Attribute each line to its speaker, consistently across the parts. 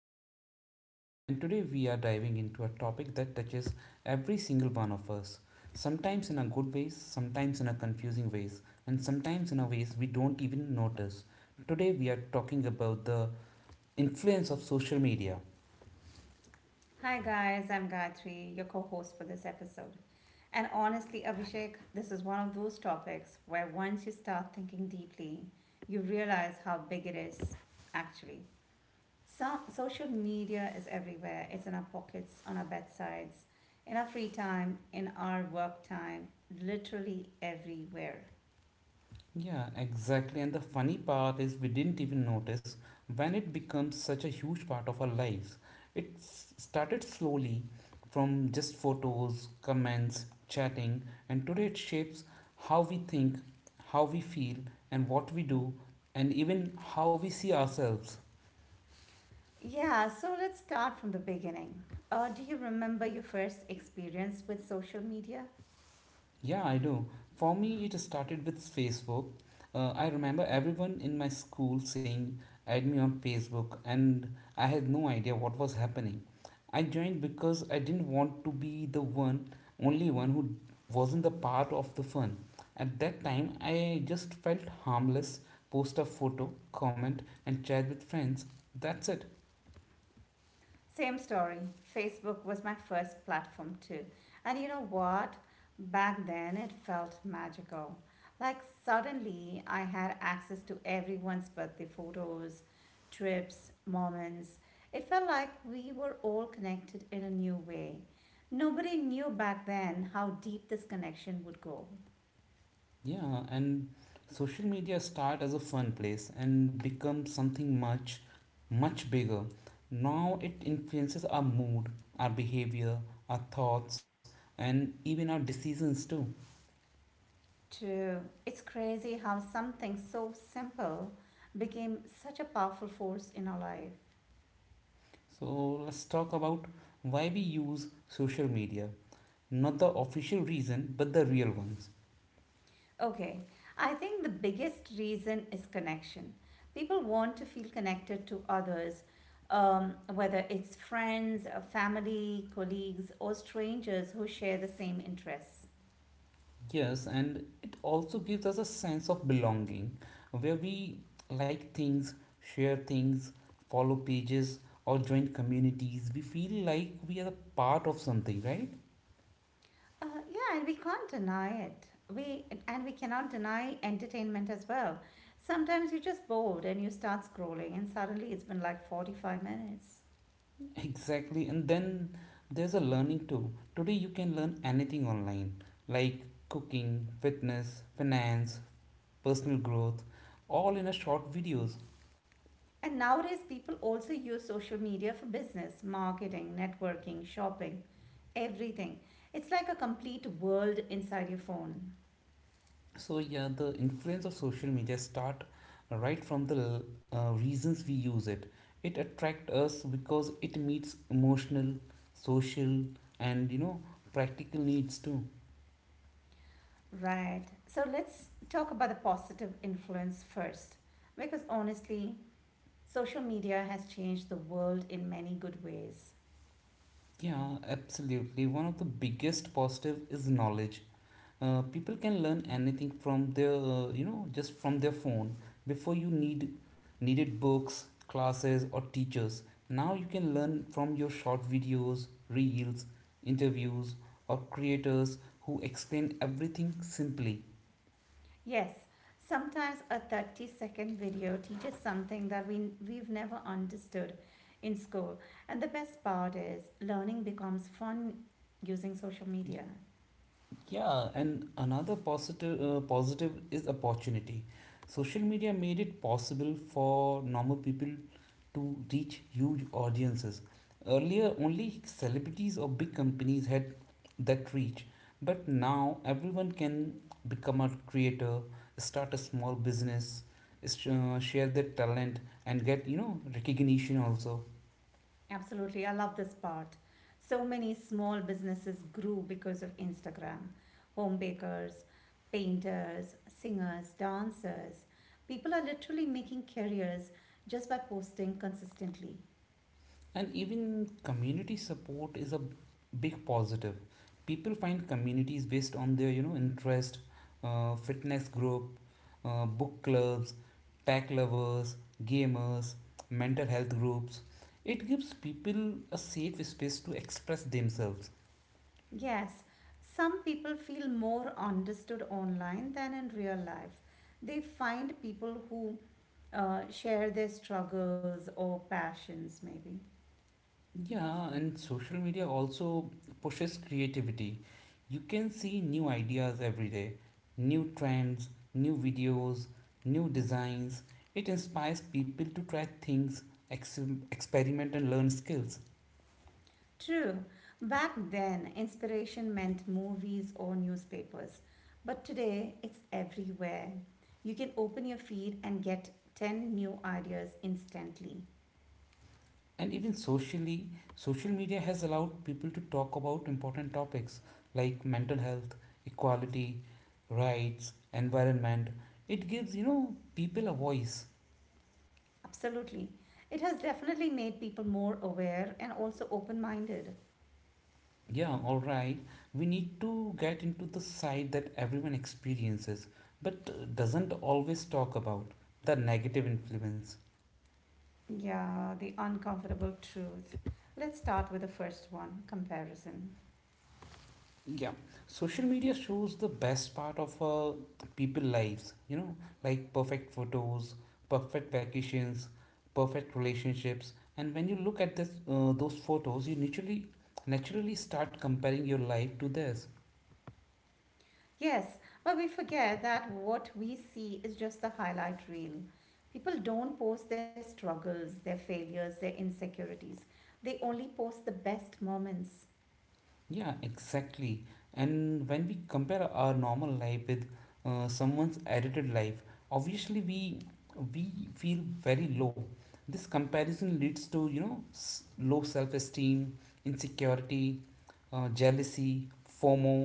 Speaker 1: host Abhishek, and today we are diving into a topic that touches every single one of us. Sometimes in a good ways, sometimes in a confusing ways, and sometimes in a ways we don't even notice. Today we are talking about the influence of social media.
Speaker 2: Hi, guys, I'm Gayatri, your co host for this episode. And honestly, Abhishek, this is one of those topics where once you start thinking deeply, you realize how big it is, actually. So, social media is everywhere. It's in our pockets, on our bedsides, in our free time, in our work time, literally everywhere.
Speaker 1: Yeah, exactly. And the funny part is we didn't even notice when it becomes such a huge part of our lives. It started slowly from just photos, comments, chatting, and today it shapes how we think, how we feel, and what we do, and even how we see ourselves.
Speaker 2: Yeah, so let's start from the beginning. Do you remember your first experience with social media?
Speaker 1: Yeah, I do. For me, it started with Facebook. I remember everyone in my school saying, add me on Facebook, and I had no idea what was happening. I joined because I didn't want to be only one who wasn't the part of the fun. At that time, I just felt harmless, post a photo, comment, and chat with friends. That's it.
Speaker 2: Same story. Facebook was my first platform too. And you know what? Back then it felt magical. Like suddenly I had access to everyone's birthday photos, trips, moments. It felt like we were all connected in a new way. Nobody knew back then how deep this connection would go.
Speaker 1: Yeah, and social media start as a fun place and become something much, much bigger. Now it influences our mood, our behavior, our thoughts, and even our decisions too.
Speaker 2: True. It's crazy how something so simple became such a powerful force in our life.
Speaker 1: So let's talk about why we use social media. Not the official reason, but the real ones.
Speaker 2: Okay, I think the biggest reason is connection. People want to feel connected to others, whether it's friends, family, colleagues, or strangers who share the same interests.
Speaker 1: Yes, and it also gives us a sense of belonging where we like things, share things, follow pages, or join communities. We feel like we are a part of something, right?
Speaker 2: Yeah, and we can't deny it. We cannot deny entertainment as well. Sometimes you're just bored and you start scrolling, and suddenly it's been like 45 minutes.
Speaker 1: Exactly. And then there's a learning too. Today, you can learn anything online like cooking, fitness, finance, personal growth, all in a short videos.
Speaker 2: And nowadays, people also use social media for business, marketing, networking, shopping, everything. It's like a complete world inside your phone.
Speaker 1: So yeah, the influence of social media start right from the reasons we use it. It attract us because it meets emotional, social, and practical needs too.
Speaker 2: Right. So let's talk about the positive influence first. Because honestly, social media has changed the world in many good ways.
Speaker 1: Yeah, absolutely. One of the biggest positive is knowledge. People can learn anything from their just from their phone. Before you needed books, classes, or teachers. Now you can learn from your short videos, reels, interviews, or creators who explain everything simply.
Speaker 2: Yes, sometimes a 30-second video teaches something that we've never understood in school. And the best part is learning becomes fun using social media.
Speaker 1: Yeah, and another positive positive is opportunity. Social media made it possible for normal people to reach huge audiences. Earlier, only celebrities or big companies had that reach, but now everyone can become a creator, start a small business, share their talent, and get recognition also.
Speaker 2: Absolutely, I love this part. So many small businesses grew because of Instagram, home bakers, painters, singers, dancers. People are literally making careers just by posting consistently.
Speaker 1: And even community support is a big positive. People find communities based on their, you know, interest, fitness group, book clubs, tech lovers, gamers, mental health groups. It gives people a safe space to express themselves.
Speaker 2: Yes, some people feel more understood online than in real life. They find people who share their struggles or passions, maybe.
Speaker 1: Yeah, and social media also pushes creativity. You can see new ideas every day, new trends, new videos, new designs. It inspires people to try things, ex- experiment, and learn skills.
Speaker 2: True, back then, inspiration meant movies or newspapers, but today it's everywhere. You can open your feed and get 10 new ideas instantly.
Speaker 1: And even socially, social media has allowed people to talk about important topics like mental health, equality, rights, environment. It gives, you know, people a voice.
Speaker 2: Absolutely. It has definitely made people more aware and also open minded.
Speaker 1: Yeah, all right. We need to get into the side that everyone experiences but doesn't always talk about: the negative influence.
Speaker 2: Yeah, the uncomfortable truth. Let's start with the first one, comparison.
Speaker 1: Yeah, social media shows the best part of people lives, you know, like perfect photos, perfect vacations, perfect relationships. And when you look at those photos, you naturally start comparing your life to theirs.
Speaker 2: Yes, but we forget that what we see is just the highlight reel. People don't post their struggles, their failures, their insecurities. They only post the best moments.
Speaker 1: Yeah, exactly. And when we compare our normal life with someone's edited life, obviously we feel very low. This comparison leads to you know low self-esteem, insecurity, jealousy, FOMO.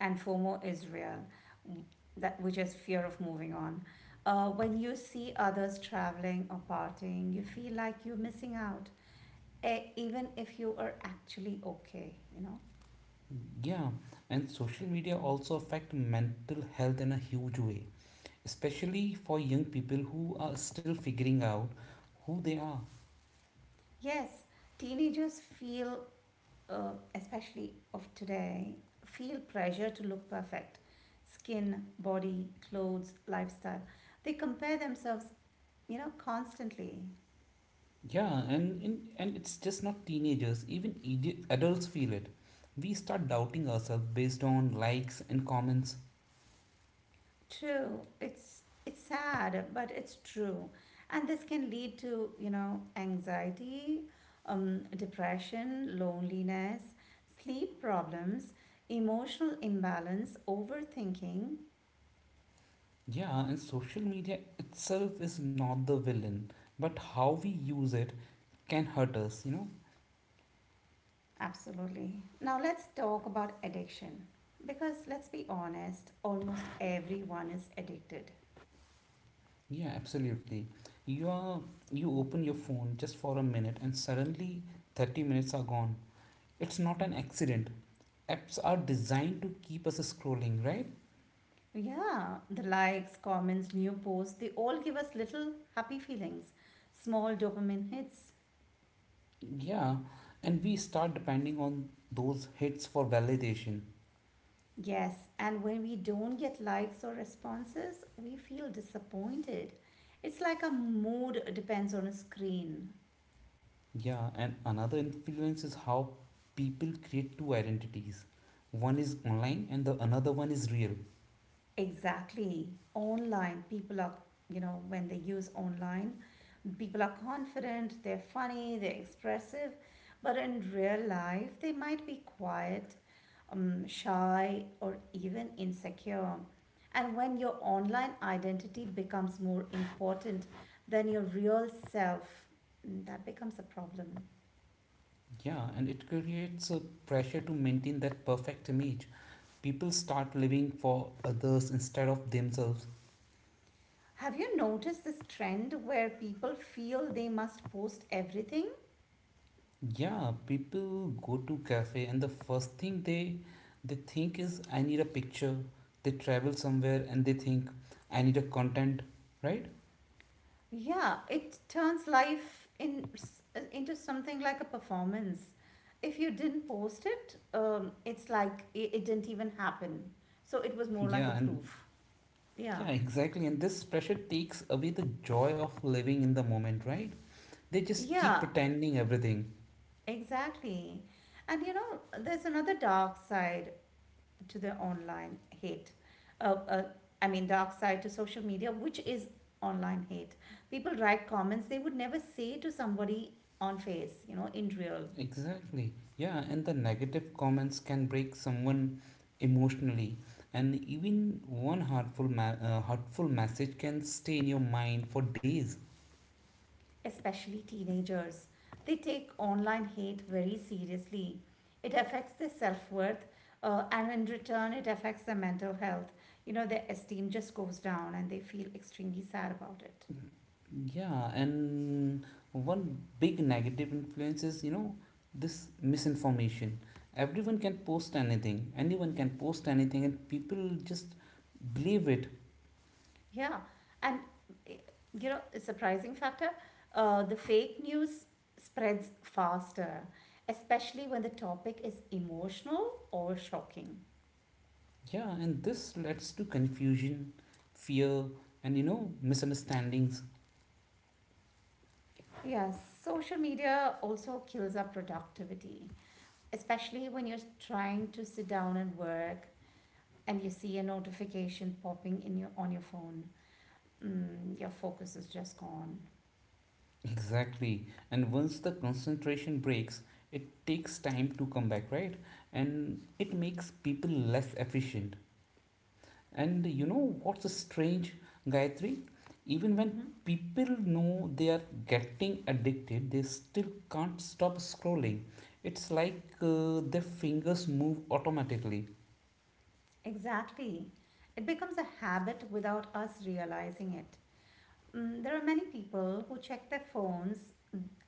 Speaker 2: And FOMO is real, that which is fear of moving on. When you see others traveling or partying, you feel like you're missing out, even if you are actually okay, you know.
Speaker 1: Yeah, and social media also affect mental health in a huge way, especially for young people who are still figuring out who they are.
Speaker 2: Yes, teenagers feel, especially of today, feel pressure to look perfect. Skin, body, clothes, lifestyle. They compare themselves, you know, constantly.
Speaker 1: Yeah, and it's just not teenagers, even idi- adults feel it. We start doubting ourselves based on likes and comments.
Speaker 2: True, it's sad, but it's true. And this can lead to, you know, anxiety, depression, loneliness, sleep problems, emotional imbalance, overthinking.
Speaker 1: Yeah, and social media itself is not the villain, but how we use it can hurt us, you know?
Speaker 2: Absolutely. Now let's talk about addiction. Because let's be honest, almost everyone is addicted.
Speaker 1: Yeah, absolutely. You are you open your phone just for a minute and suddenly 30 minutes are gone. It's not an accident. Apps are designed to keep us scrolling, right?
Speaker 2: Yeah, the likes, comments, new posts, they all give us little happy feelings, small dopamine hits.
Speaker 1: Yeah, and we start depending on those hits for validation.
Speaker 2: Yes, and when we don't get likes or responses, we feel disappointed. It's like our mood depends on a screen.
Speaker 1: Yeah, and another influence is how people create two identities. One is online and the another one is real.
Speaker 2: Exactly. Online, people are, you know, when they use online, people are confident, they're funny, they're expressive, but in real life, they might be quiet, shy, or even insecure. And when your online identity becomes more important than your real self, that becomes a problem.
Speaker 1: Yeah, and it creates a pressure to maintain that perfect image. People start living for others instead of themselves.
Speaker 2: Have you noticed this trend where people feel they must post everything?
Speaker 1: Yeah, people go to cafe and the first thing they think is I need a picture. They travel somewhere and they think I need a content, right?
Speaker 2: Yeah, it turns into something like a performance. If you didn't post it, it's like it didn't even happen. So it was more like a
Speaker 1: Yeah, and
Speaker 2: proof. Yeah.
Speaker 1: yeah, exactly. And this pressure takes away the joy of living in the moment, right? They just keep
Speaker 2: Yeah,
Speaker 1: pretending everything.
Speaker 2: exactly. And you know, there's another dark side to the online hate. Uh, uh, I mean, dark side to social media, which is online hate. People write comments they would never say to somebody on face, you know, in real.
Speaker 1: Exactly. Yeah, and the negative comments can break someone emotionally, and even one hurtful message can stay in your mind for days.
Speaker 2: Especially teenagers. They take online hate very seriously. It affects their self worth, and in return, it affects their mental health. You know, their esteem just goes down and they feel extremely sad about it.
Speaker 1: Yeah, and one big negative influence is, you know, this misinformation. Everyone can post anything, anyone can post anything, and people just believe it.
Speaker 2: Yeah. And, eh, you know, a surprising factor, the fake news spreads faster, especially when the topic is emotional or shocking.
Speaker 1: Yeah, and this leads to confusion, fear, and, you know, misunderstandings.
Speaker 2: Yes, social media also kills our productivity. Especially when you're trying to sit down and work and you see a notification popping in your on your phone, your focus is just gone.
Speaker 1: Exactly. And once the concentration breaks, it takes time to come back, right? And it makes people less efficient. And you know what's strange, Gayatri? Even when
Speaker 2: Hmm,
Speaker 1: people know they are getting addicted, they still can't stop scrolling. It's like their fingers move automatically.
Speaker 2: exactly. It becomes a habit without us realizing it. There are many people who check their phones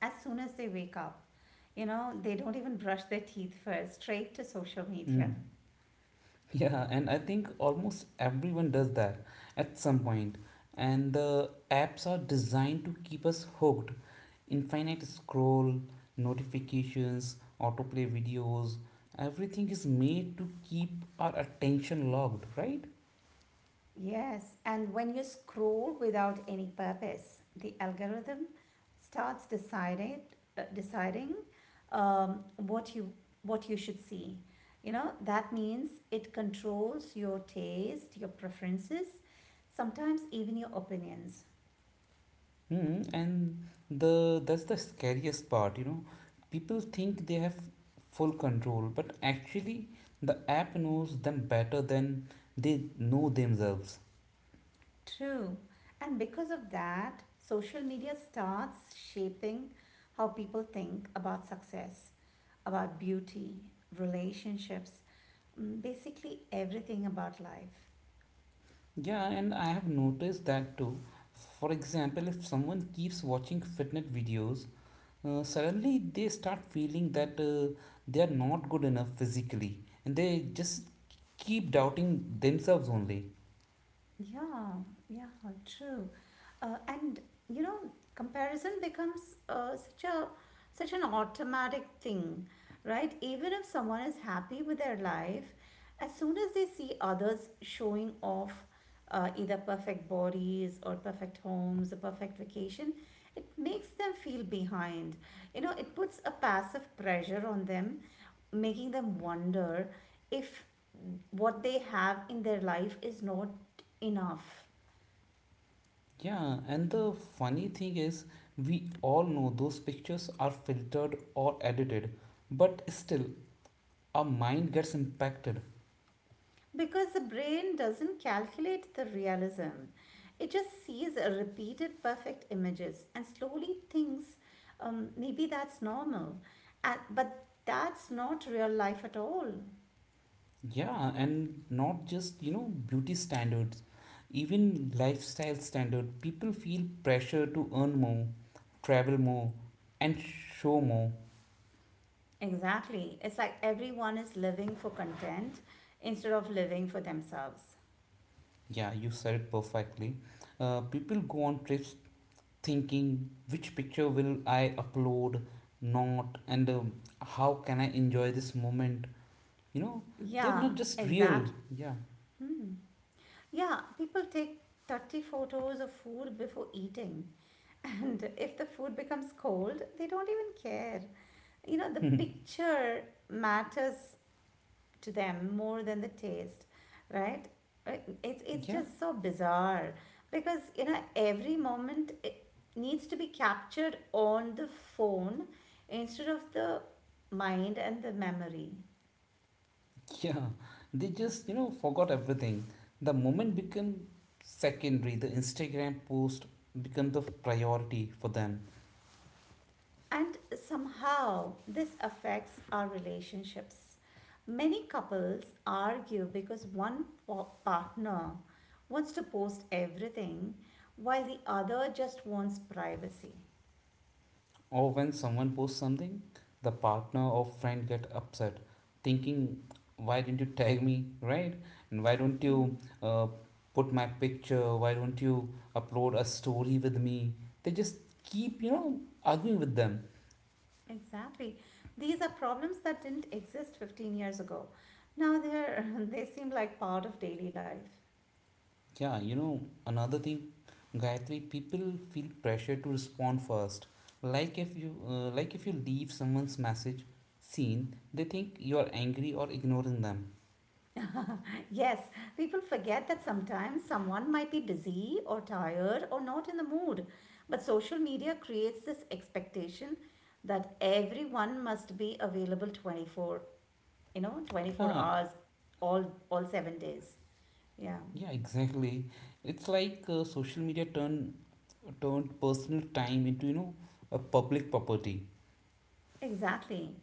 Speaker 2: as soon as they wake up. You know, they don't even brush their teeth first, straight to social media.
Speaker 1: Hmm. Yeah, and I think almost everyone does that at some point. And the apps are designed to keep us hooked. Infinite scroll, notifications, autoplay videos, everything is made to keep our attention logged, right?
Speaker 2: Yes, and when you scroll without any purpose, the algorithm starts deciding um, what you what you should see. You know, that means it controls your taste, your preferences, sometimes even your opinions.
Speaker 1: Hmm, and the that's the scariest part, you know. People think they have full control, but actually the app knows them better than they know themselves.
Speaker 2: True. And because of that, social media starts shaping how people think about success, about beauty, relationships, basically everything about life.
Speaker 1: Yeah, and I have noticed that too. For example, if someone keeps watching fitness videos, suddenly they start feeling that they are not good enough physically, and they just keep doubting themselves only.
Speaker 2: Yeah, yeah, true. And you know, comparison becomes uh, such a such an automatic thing, right? Even if someone is happy with their life, as soon as they see others showing off either perfect bodies or perfect homes or perfect vacation, it makes them feel behind. You know, it puts a passive pressure on them, making them wonder if what they have in their life is not enough.
Speaker 1: Yeah, and the funny thing is, we all know those pictures are filtered or edited, but still, our mind gets impacted.
Speaker 2: Because the brain doesn't calculate the realism, it just sees repeated perfect images and slowly thinks, maybe that's normal. And, but that's not real life at all.
Speaker 1: Yeah, and not just, you know, beauty standards, even lifestyle standard. People feel pressure to earn more, travel more, and show more.
Speaker 2: Exactly, it's like everyone is living for content instead of living for themselves.
Speaker 1: Yeah, you said it perfectly. People go on trips thinking which picture will I upload, not, and how can I enjoy this moment. You know, they're
Speaker 2: yeah
Speaker 1: not just real.
Speaker 2: exact
Speaker 1: Yeah,
Speaker 2: Yeah, people take 30 photos of food before eating. And if the food becomes cold, they don't even care. You know, the picture matters to them more than the taste, right? Uh, It's,
Speaker 1: yeah,
Speaker 2: just so bizarre, because, you know, every moment, it needs to be captured on the phone instead of the mind and the memory.
Speaker 1: yeah. They just, you know, forgot everything. The moment became secondary. The Instagram post became the priority for them.
Speaker 2: And somehow this affects our relationships. Many couples argue because partner wants to post everything while the other just wants privacy.
Speaker 1: Or when someone posts something, the partner or friend get upset, thinking, "Why didn't you tag me, right? And why don't you
Speaker 2: Mhm.
Speaker 1: uh, put my picture? Why don't you upload a story with me?" They just keep, you know, arguing with them.
Speaker 2: Exactly. These are problems that didn't exist 15 years ago. Now they're, they seem like part of daily life.
Speaker 1: Yeah, you know, another thing, Gayatri, people feel pressure to respond first. Like if you leave someone's message seen, they think you are angry or ignoring them.
Speaker 2: Yes, people forget that sometimes someone might be busy or tired or not in the mood. But social media creates this expectation that everyone must be available you know, 24
Speaker 1: Ah,
Speaker 2: hours, all all 7 days. Yeah,
Speaker 1: yeah, exactly. It's like social media turned personal time into, you know, a public property.
Speaker 2: exactly.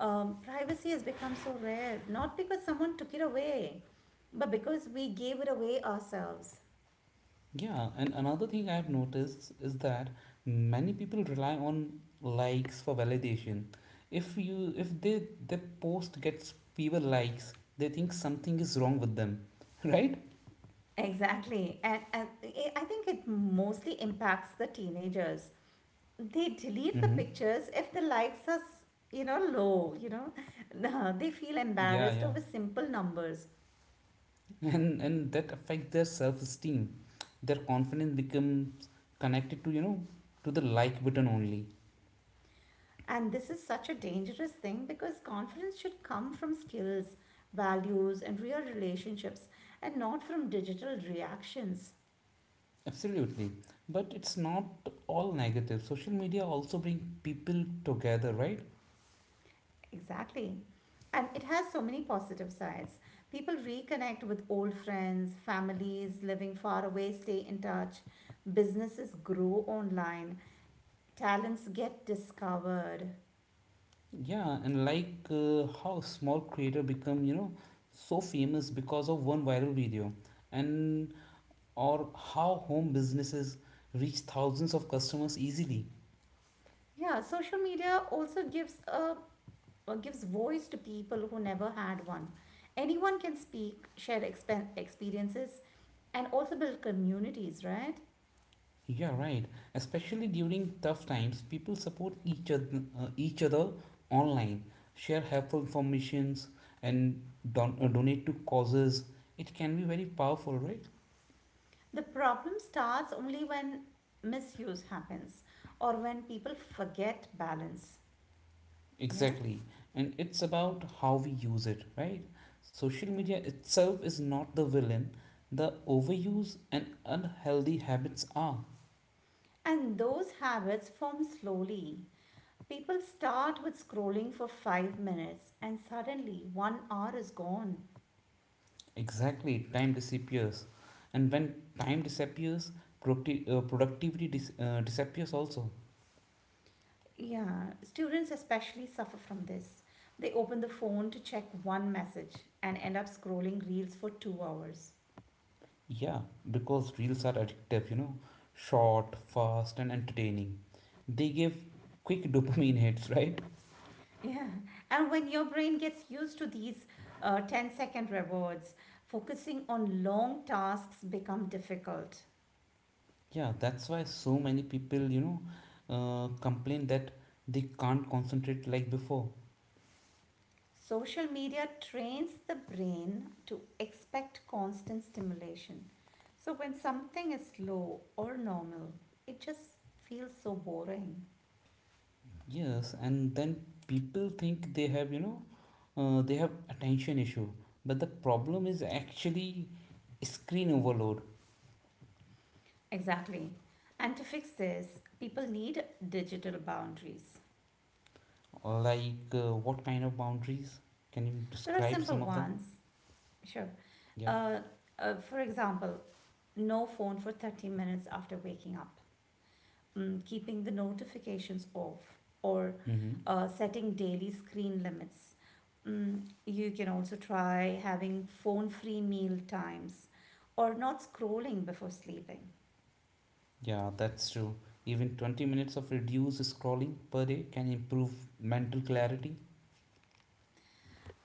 Speaker 2: Privacy has become so rare, not because someone took it away, but because we gave it away ourselves.
Speaker 1: Yeah, and another thing I've noticed is that many people rely on likes for validation. If they their post gets fewer likes, they think something is wrong with them, right?
Speaker 2: Exactly. And I think it mostly impacts the teenagers. They delete the
Speaker 1: Mm-hmm.
Speaker 2: pictures if the likes are, you know, low, you know. They feel
Speaker 1: Yeah,
Speaker 2: embarrassed
Speaker 1: yeah.
Speaker 2: over simple numbers.
Speaker 1: And that affects their self-esteem. Their confidence becomes connected to, you know, to the like button only.
Speaker 2: And this is such a dangerous thing because confidence should come from skills, values, and real relationships, and not from digital reactions.
Speaker 1: Absolutely. But it's not all negative. Social media also bring people together, right?
Speaker 2: Exactly. And it has so many positive sides. People reconnect with old friends, families living far away stay in touch, businesses grow online, talents get discovered.
Speaker 1: Yeah, and like how small creator become, you know, so famous because of one viral video and or how home businesses reach thousands of customers easily.
Speaker 2: Yeah, social media also gives voice to people who never had one. Anyone can speak, share experiences, and also build communities, right?
Speaker 1: Yeah, right. Especially during tough times, people support each other online, share helpful informations and donate to causes. It can be very powerful, right?
Speaker 2: The problem starts only when misuse happens or when people forget balance. Yeah.
Speaker 1: Exactly. And it's about how we use it, right? Social
Speaker 2: Yeah.
Speaker 1: media itself is not the villain, the overuse and unhealthy habits are.
Speaker 2: And those habits form slowly. People start with scrolling for 5 minutes and suddenly one hour is gone.
Speaker 1: Exactly. Time disappears. And when time disappears, productivity disappears also.
Speaker 2: Yeah, students especially suffer from this. They open the phone to check one message and end up scrolling reels for 2 hours.
Speaker 1: Yeah, because reels are addictive, you know, short, fast, and entertaining. They give quick dopamine hits, right?
Speaker 2: Yeah, and when your brain gets used to these ten-second rewards, focusing on long tasks become difficult.
Speaker 1: Yeah, that's why so many people, you know, complain that they can't concentrate like before.
Speaker 2: Social media trains the brain to expect constant stimulation. So when something is slow or normal, it just feels so boring.
Speaker 1: Yes, and then people think they have, you know, they have attention issue. But the problem is actually screen overload.
Speaker 2: Exactly. And to fix this, people need digital boundaries.
Speaker 1: Like, what kind of boundaries? Can you
Speaker 2: There are
Speaker 1: describe
Speaker 2: simple
Speaker 1: some of them?
Speaker 2: ones. Sure.
Speaker 1: Yeah.
Speaker 2: Uh, for example, no phone for 30 minutes after waking up, keeping the notifications off, or
Speaker 1: Mm-hmm.
Speaker 2: setting daily screen limits. You can also try having phone free meal times or not scrolling before sleeping.
Speaker 1: Yeah, that's true. Even 20 minutes of reduced scrolling per day can improve mental clarity.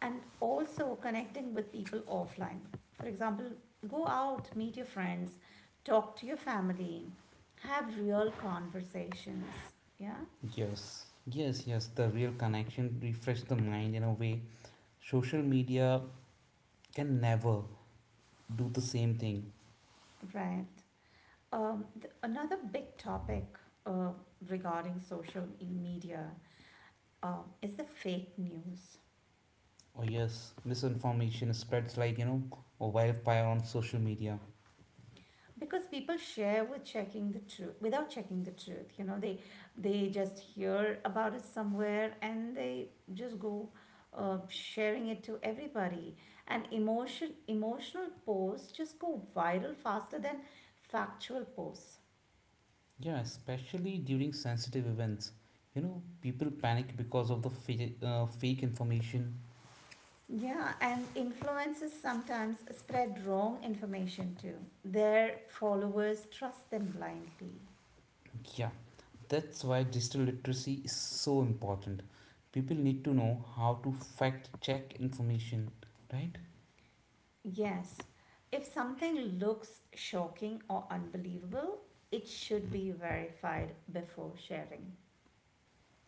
Speaker 2: And also connecting with people offline. For example, go out, meet your friends, talk to your family, have real conversations. Yeah,
Speaker 1: Yes, yes, yes. The real connection refresh the mind in a way social media can never do the same thing.
Speaker 2: right. Another big topic uh, regarding social media is the fake news.
Speaker 1: Oh yes, misinformation spreads like you know a wildfire on social media.
Speaker 2: Because people share with checking the truth without checking the truth. You know, they just hear about it somewhere and they just go sharing it to everybody. And emotional posts just go viral faster than factual posts.
Speaker 1: Yeah, especially during sensitive events. You know, people panic because of the fake information.
Speaker 2: Yeah, and influencers sometimes spread wrong information too. Their followers trust them blindly.
Speaker 1: Yeah, that's why digital literacy is so important. People need to know how to fact check information, right?
Speaker 2: Yes, if something looks shocking or unbelievable, it should be verified before sharing.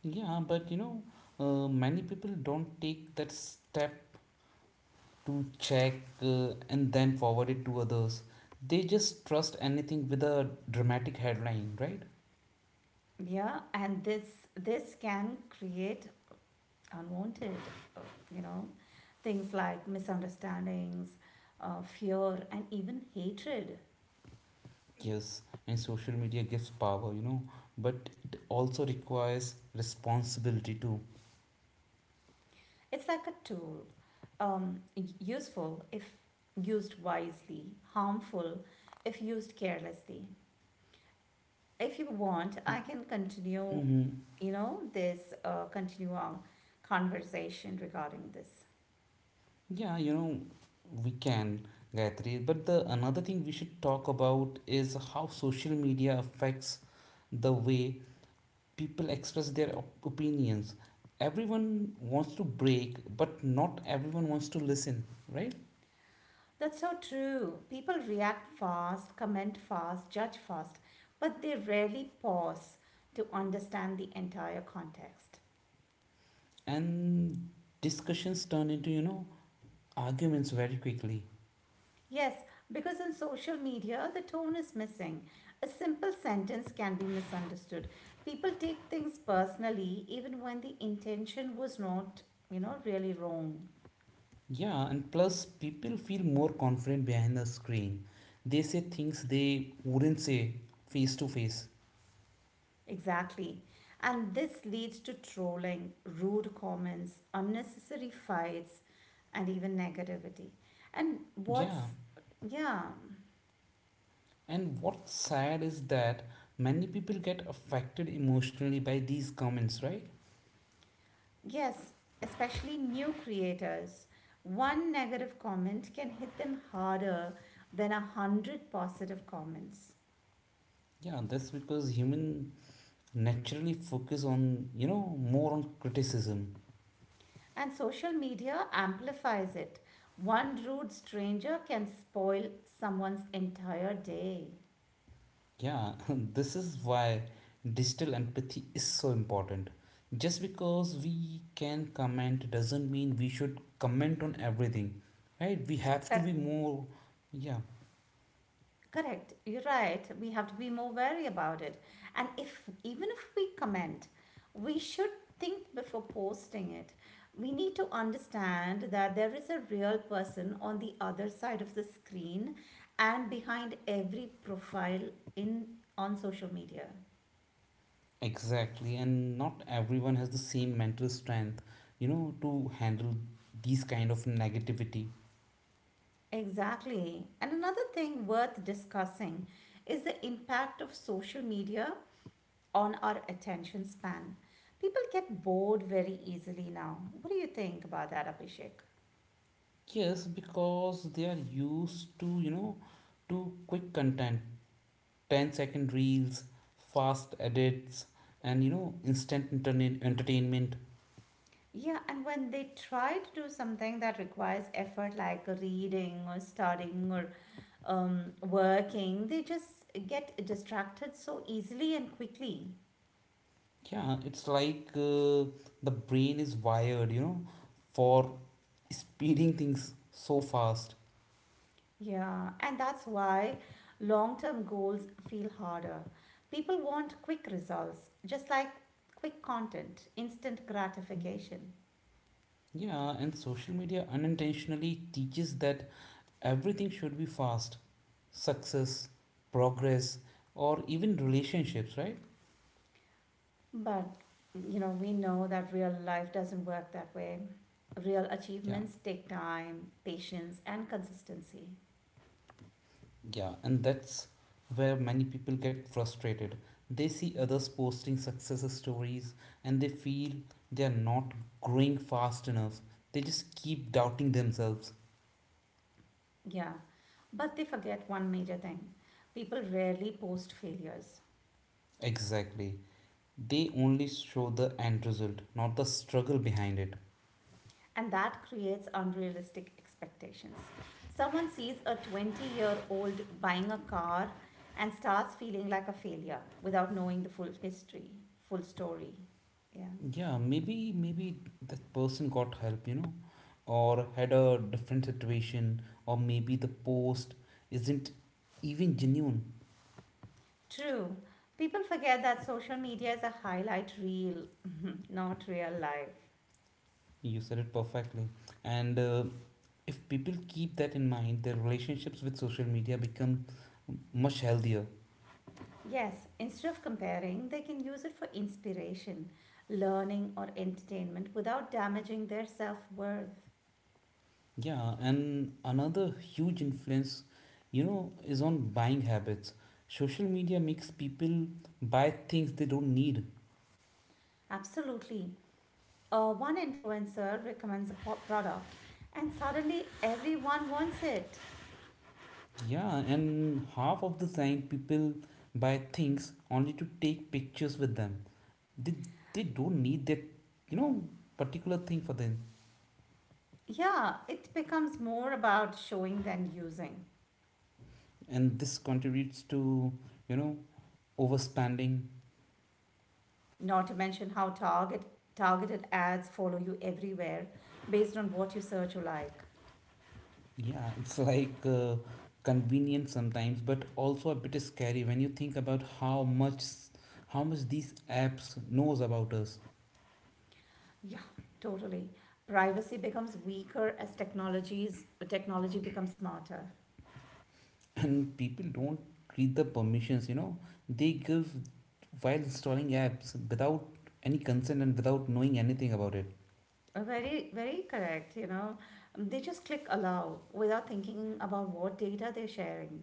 Speaker 1: Yeah, but you know, many people don't take that step to check and then forward it to others. They just trust anything with a dramatic headline, right?
Speaker 2: Yeah, and this can create unwanted, you know, things like misunderstandings, fear, and even hatred.
Speaker 1: Yes, and social media gives power, you know, but it also requires responsibility too.
Speaker 2: It's like a tool, um, useful if used wisely, harmful if used carelessly. If you want, I can
Speaker 1: Mm-hmm.
Speaker 2: continue our conversation regarding this.
Speaker 1: Yeah, we can, Gayatri. But the another thing we should talk about is how social media affects the way people express their opinions. Everyone wants to break but not everyone wants to listen, right?
Speaker 2: That's so true. People react fast, comment fast, judge fast, but they rarely pause to understand the entire context.
Speaker 1: And discussions turn into, arguments very quickly.
Speaker 2: Yes, because on social media, the tone is missing. A simple sentence can be misunderstood. People take things personally even when the intention was not, really wrong.
Speaker 1: Yeah, and plus people feel more confident behind the screen. They say things they wouldn't say face to face.
Speaker 2: Exactly. And this leads to trolling, rude comments, unnecessary fights, and even negativity. And what's,
Speaker 1: Yeah,
Speaker 2: yeah.
Speaker 1: and what's sad is that many people get affected emotionally by these comments, right?
Speaker 2: Yes, especially new creators. One negative comment can hit them harder than 100 positive comments.
Speaker 1: Yeah, that's because human naturally focus on, more on criticism.
Speaker 2: And social media amplifies it. One rude stranger can spoil someone's entire day.
Speaker 1: Yeah, this is why digital empathy is so important. Just because we can comment doesn't mean we should comment on everything, right? We have to be
Speaker 2: Cor-
Speaker 1: more, yeah.
Speaker 2: Correct. You're right. We have to be more wary about it. And if even if we comment, we should think before posting it. We need to understand that there is a real person on the other side of the screen and behind every profile in on social media.
Speaker 1: Exactly, and not everyone has the same mental strength, you know, to handle these kind of negativity.
Speaker 2: Exactly. And another thing worth discussing is the impact of social media on our attention span. People get bored very easily now. What do you think about that, Abhishek?
Speaker 1: Yes, because they are used to, to quick content. 10 second reels, fast edits, and, instant internet entertainment.
Speaker 2: Yeah, and when they try to do something that requires effort, like reading or studying or working, they just get distracted so easily and quickly.
Speaker 1: Yeah, it's like the brain is wired, you know, for speeding things so fast.
Speaker 2: Yeah, and that's why long term goals feel harder. People want quick results, just like quick content, instant gratification.
Speaker 1: Yeah, and social media unintentionally teaches that everything should be fast. Success, progress, or even relationships, right?
Speaker 2: But, you know, we know that real life doesn't work that way. Real
Speaker 1: Yeah.
Speaker 2: achievements take time, patience, and consistency.
Speaker 1: Yeah, and that's where many people get frustrated. They see others posting success stories and they feel they are not growing fast enough. They just keep doubting themselves.
Speaker 2: Yeah, but they forget one major thing people rarely post failures.
Speaker 1: Exactly. They only show the end result, not the struggle behind it.
Speaker 2: And that creates unrealistic expectations. Someone sees a 20-year-old year old buying a car and starts feeling like a failure without knowing the full history, full story. Yeah.
Speaker 1: Yeah, maybe that person got help, you know, or had a different situation, or maybe the post isn't even genuine.
Speaker 2: True. People forget that social media is a highlight reel, not real life.
Speaker 1: You said it perfectly. And if people keep that in mind, their relationships with social media become much healthier.
Speaker 2: Yes, instead of comparing, they can use it for inspiration, learning, or entertainment without damaging their self worth.
Speaker 1: Yeah, and another huge influence, you know, is on buying habits. Social media makes people buy things they don't need.
Speaker 2: Absolutely. One influencer recommends a product and suddenly everyone wants it.
Speaker 1: Yeah, and half of the time people buy things only to take pictures with them. They, they don't need that, you know, particular thing for them.
Speaker 2: Yeah, it becomes more about showing than using.
Speaker 1: And this contributes to, you know, overspending.
Speaker 2: Not to mention how targeted ads follow you everywhere based on what you search or like.
Speaker 1: Yeah, it's like convenient sometimes, but also a bit scary when you think about how much, how much these apps knows about us.
Speaker 2: Yeah, totally. Privacy becomes weaker as technologies technology becomes smarter.
Speaker 1: And people don't read the permissions, you know. They give while installing apps without any consent and without knowing anything about it.
Speaker 2: Very, very correct. You know, they just click allow without thinking about what data they're sharing.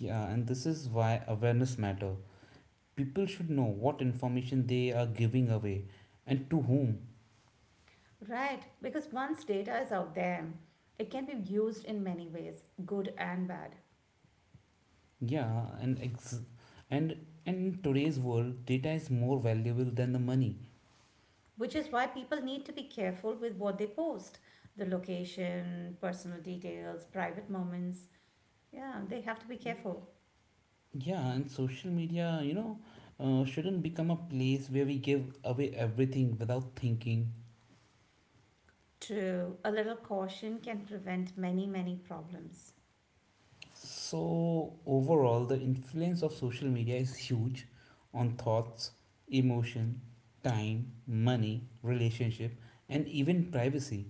Speaker 1: Yeah, and this is why awareness matter. People should know what information they are giving away and to whom.
Speaker 2: Right, because once data is out there, it can be used in many ways, good and bad,
Speaker 1: Yeah, and in today's world, data is more valuable than the money.
Speaker 2: which is why people need to be careful with what they post the location, personal details, private moments. Yeah, they have to be careful.
Speaker 1: Yeah, and social media, you know, shouldn't become a place where we give away everything without thinking.
Speaker 2: True, a little caution can prevent many, many problems.
Speaker 1: So overall, the influence of social media is huge on thoughts, emotion, time, money, relationship, and even privacy.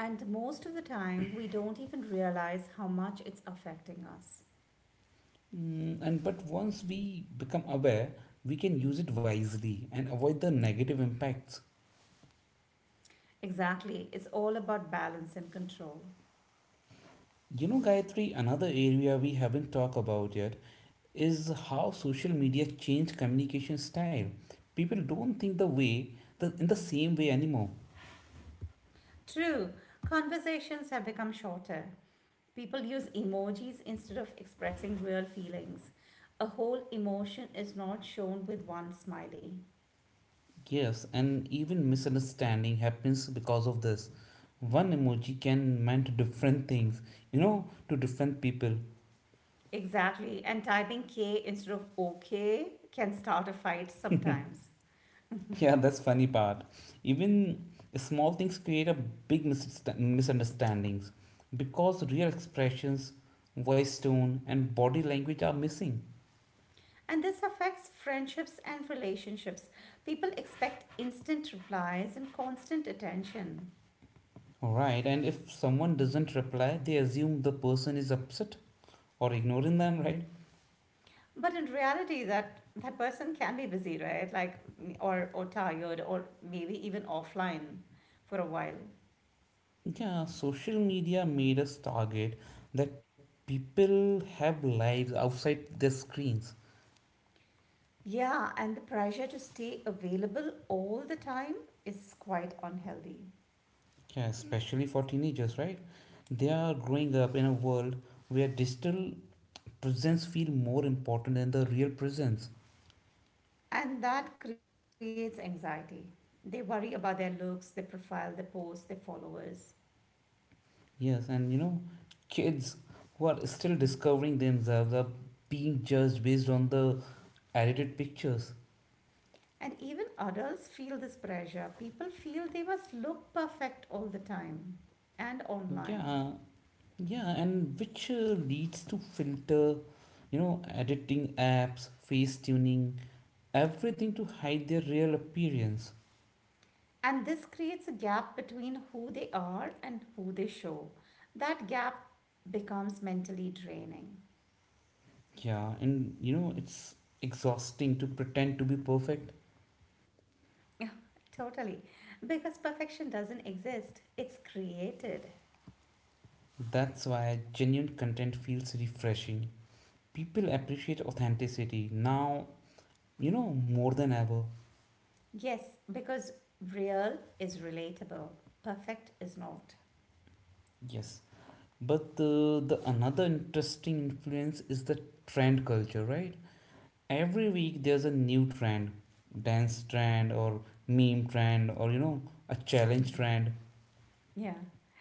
Speaker 2: And most of the time, we don't even realize how much it's affecting us.
Speaker 1: Mm, and but once we become aware, we can use it wisely and avoid the negative impacts.
Speaker 2: Exactly, it's all about balance and control.
Speaker 1: You know, Gayatri, another area we haven't talked about yet is how social media changed communication style. People don't think the way the, in the same way anymore.
Speaker 2: True, conversations have become shorter. People use emojis instead of expressing real feelings. A whole emotion is not shown with one smiley.
Speaker 1: Yes, and even misunderstanding happens because of this. One emoji can meant different things, you know, to different people.
Speaker 2: Exactly, and typing K instead of OK can start a fight sometimes.
Speaker 1: Yeah, that's funny part. Even small things create a big misunderstandings because real expressions, voice tone, and body language are missing.
Speaker 2: And this affects friendships and relationships. People expect instant replies and constant attention.
Speaker 1: Right, and if someone doesn't reply, they assume the person is upset or ignoring them, right?
Speaker 2: But in reality, that person can be busy, right? Like, or tired, or maybe even offline for a while.
Speaker 1: Yeah, social media made us target that people have lives outside their screens.
Speaker 2: Yeah, and the pressure to stay available all the time is quite unhealthy.
Speaker 1: Yeah, especially for teenagers, right? They are growing up in a world where digital presence feel more important than the real presence.
Speaker 2: And that creates anxiety. They worry about their looks, their profile, their posts, their followers.
Speaker 1: Yes, and you know, kids who are still discovering themselves are being judged based on the edited pictures.
Speaker 2: And even adults feel this pressure. People feel they must look perfect all the time and online.
Speaker 1: Yeah, yeah, and which leads to filter, you know, editing apps, face tuning, everything to hide their real appearance.
Speaker 2: And this creates a gap between who they are and who they show. That gap becomes mentally draining.
Speaker 1: Yeah, and you know, it's exhausting to pretend to be perfect.
Speaker 2: Yeah, totally. Because perfection doesn't exist, it's created.
Speaker 1: That's why genuine content feels refreshing. People appreciate authenticity now, you know, more than ever.
Speaker 2: Yes, because real is relatable, perfect is not.
Speaker 1: Yes, but the another interesting influence is the trend culture, right? Every week there's a new trend. Dance trend, or meme trend, or, you know, a challenge trend.
Speaker 2: Yeah.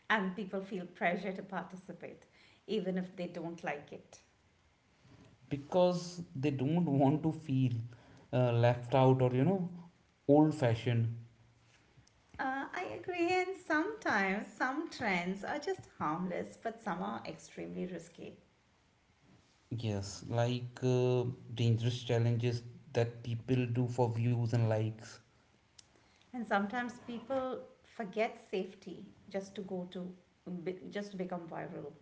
Speaker 2: And people feel pressure to participate, even if they don't like it.
Speaker 1: Because they don't want to feel left out or, you know, old fashioned.
Speaker 2: I agree, and sometimes some trends are just harmless, but some are extremely risky.
Speaker 1: Yes, like dangerous challenges that people do for views and likes.
Speaker 2: And sometimes people forget safety just to become viral.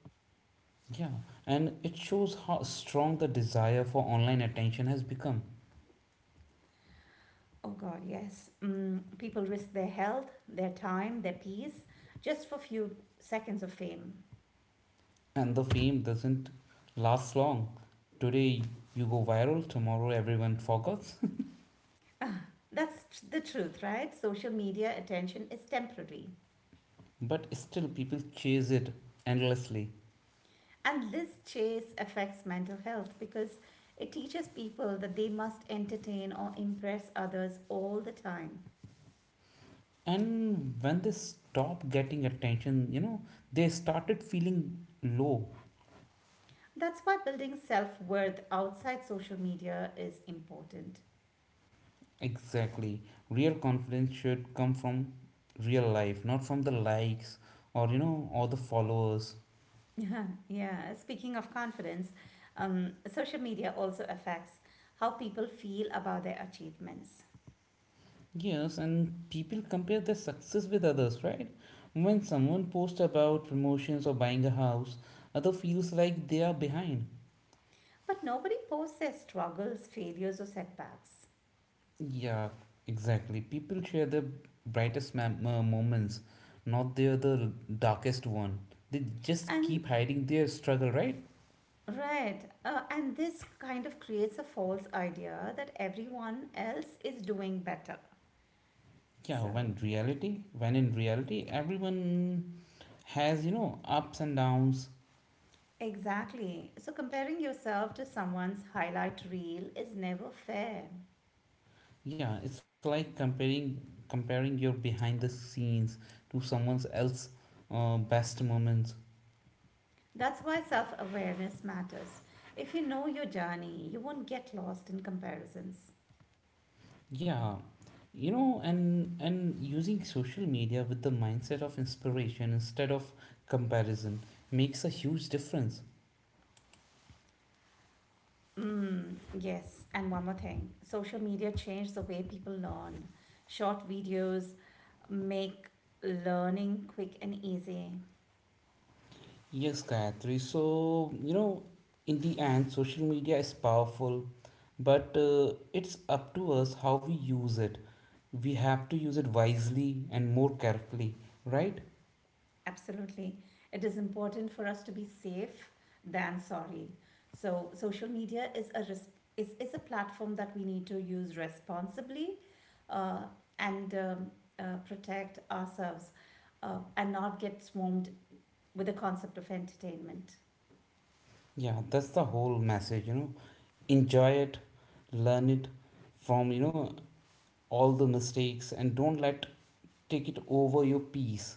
Speaker 1: Yeah, and it shows how strong the desire for online attention has become.
Speaker 2: Oh God, yes. People risk their health, their time, their peace, just for few seconds of fame.
Speaker 1: And the fame doesn't last long. Today you go viral, tomorrow everyone forgets.
Speaker 2: That's the truth, right? Social media attention is temporary.
Speaker 1: But still, people chase it endlessly.
Speaker 2: And this chase affects mental health because it teaches people that they must entertain or impress others all the time.
Speaker 1: And when they stop getting attention, you know, they started feeling low.
Speaker 2: That's why building self worth outside social media is important.
Speaker 1: Exactly. Real confidence should come from real life, not from the likes or, you know, or the followers.
Speaker 2: Yeah, yeah. Speaking of confidence, social media also affects how people feel about their achievements.
Speaker 1: Yes, and people compare their success with others, right? When someone posts about promotions or buying a house, other feels like they are behind.
Speaker 2: But nobody posts their struggles, failures, or setbacks.
Speaker 1: Yeah, exactly. People share their moments, not their the darkest one. They just
Speaker 2: And
Speaker 1: keep hiding their struggle, right?
Speaker 2: right, and this kind of creates a false idea that everyone else is doing better.
Speaker 1: Yeah,
Speaker 2: So,
Speaker 1: when reality, when in reality, everyone has, you know, ups and downs.
Speaker 2: exactly. So, comparing yourself to someone's highlight reel is never fair.
Speaker 1: Yeah, it's like comparing your behind the scenes to someone else's best moments.
Speaker 2: That's why self awareness matters. If you know your journey, you won't get lost in comparisons.
Speaker 1: Yeah, you know, and using social media with the mindset of inspiration instead of comparison makes a huge difference.
Speaker 2: Mm, yes, and one more thing social media changed the way people learn. Short videos make learning quick and easy.
Speaker 1: Yes, Gayatri. So you know, in the end, social media is powerful, but it's up to us how we use it. We have to use it wisely and more carefully, right?
Speaker 2: Absolutely. It is important for us to be safe than sorry. So social media is a platform that we need to use responsibly uh, and protect ourselves and not get swarmed with the concept of entertainment.
Speaker 1: Yeah, that's the whole message, you know. Enjoy it, learn it from, you know, all the mistakes and don't let take it over your peace,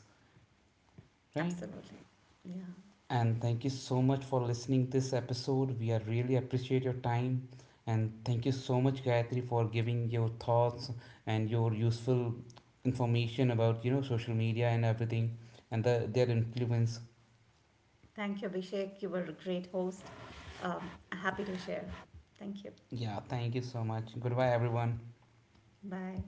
Speaker 1: right?
Speaker 2: Absolutely. Yeah.
Speaker 1: And thank you so much for listening this episode. We are really appreciate your time and thank you so much Gayatri for giving your thoughts and your useful information about, you know, social media and everything and the, their influence.
Speaker 2: Thank you, Abhishek. You were a great host. Happy to share. Thank you.
Speaker 1: Yeah, thank you so much. Goodbye everyone.
Speaker 2: Bye.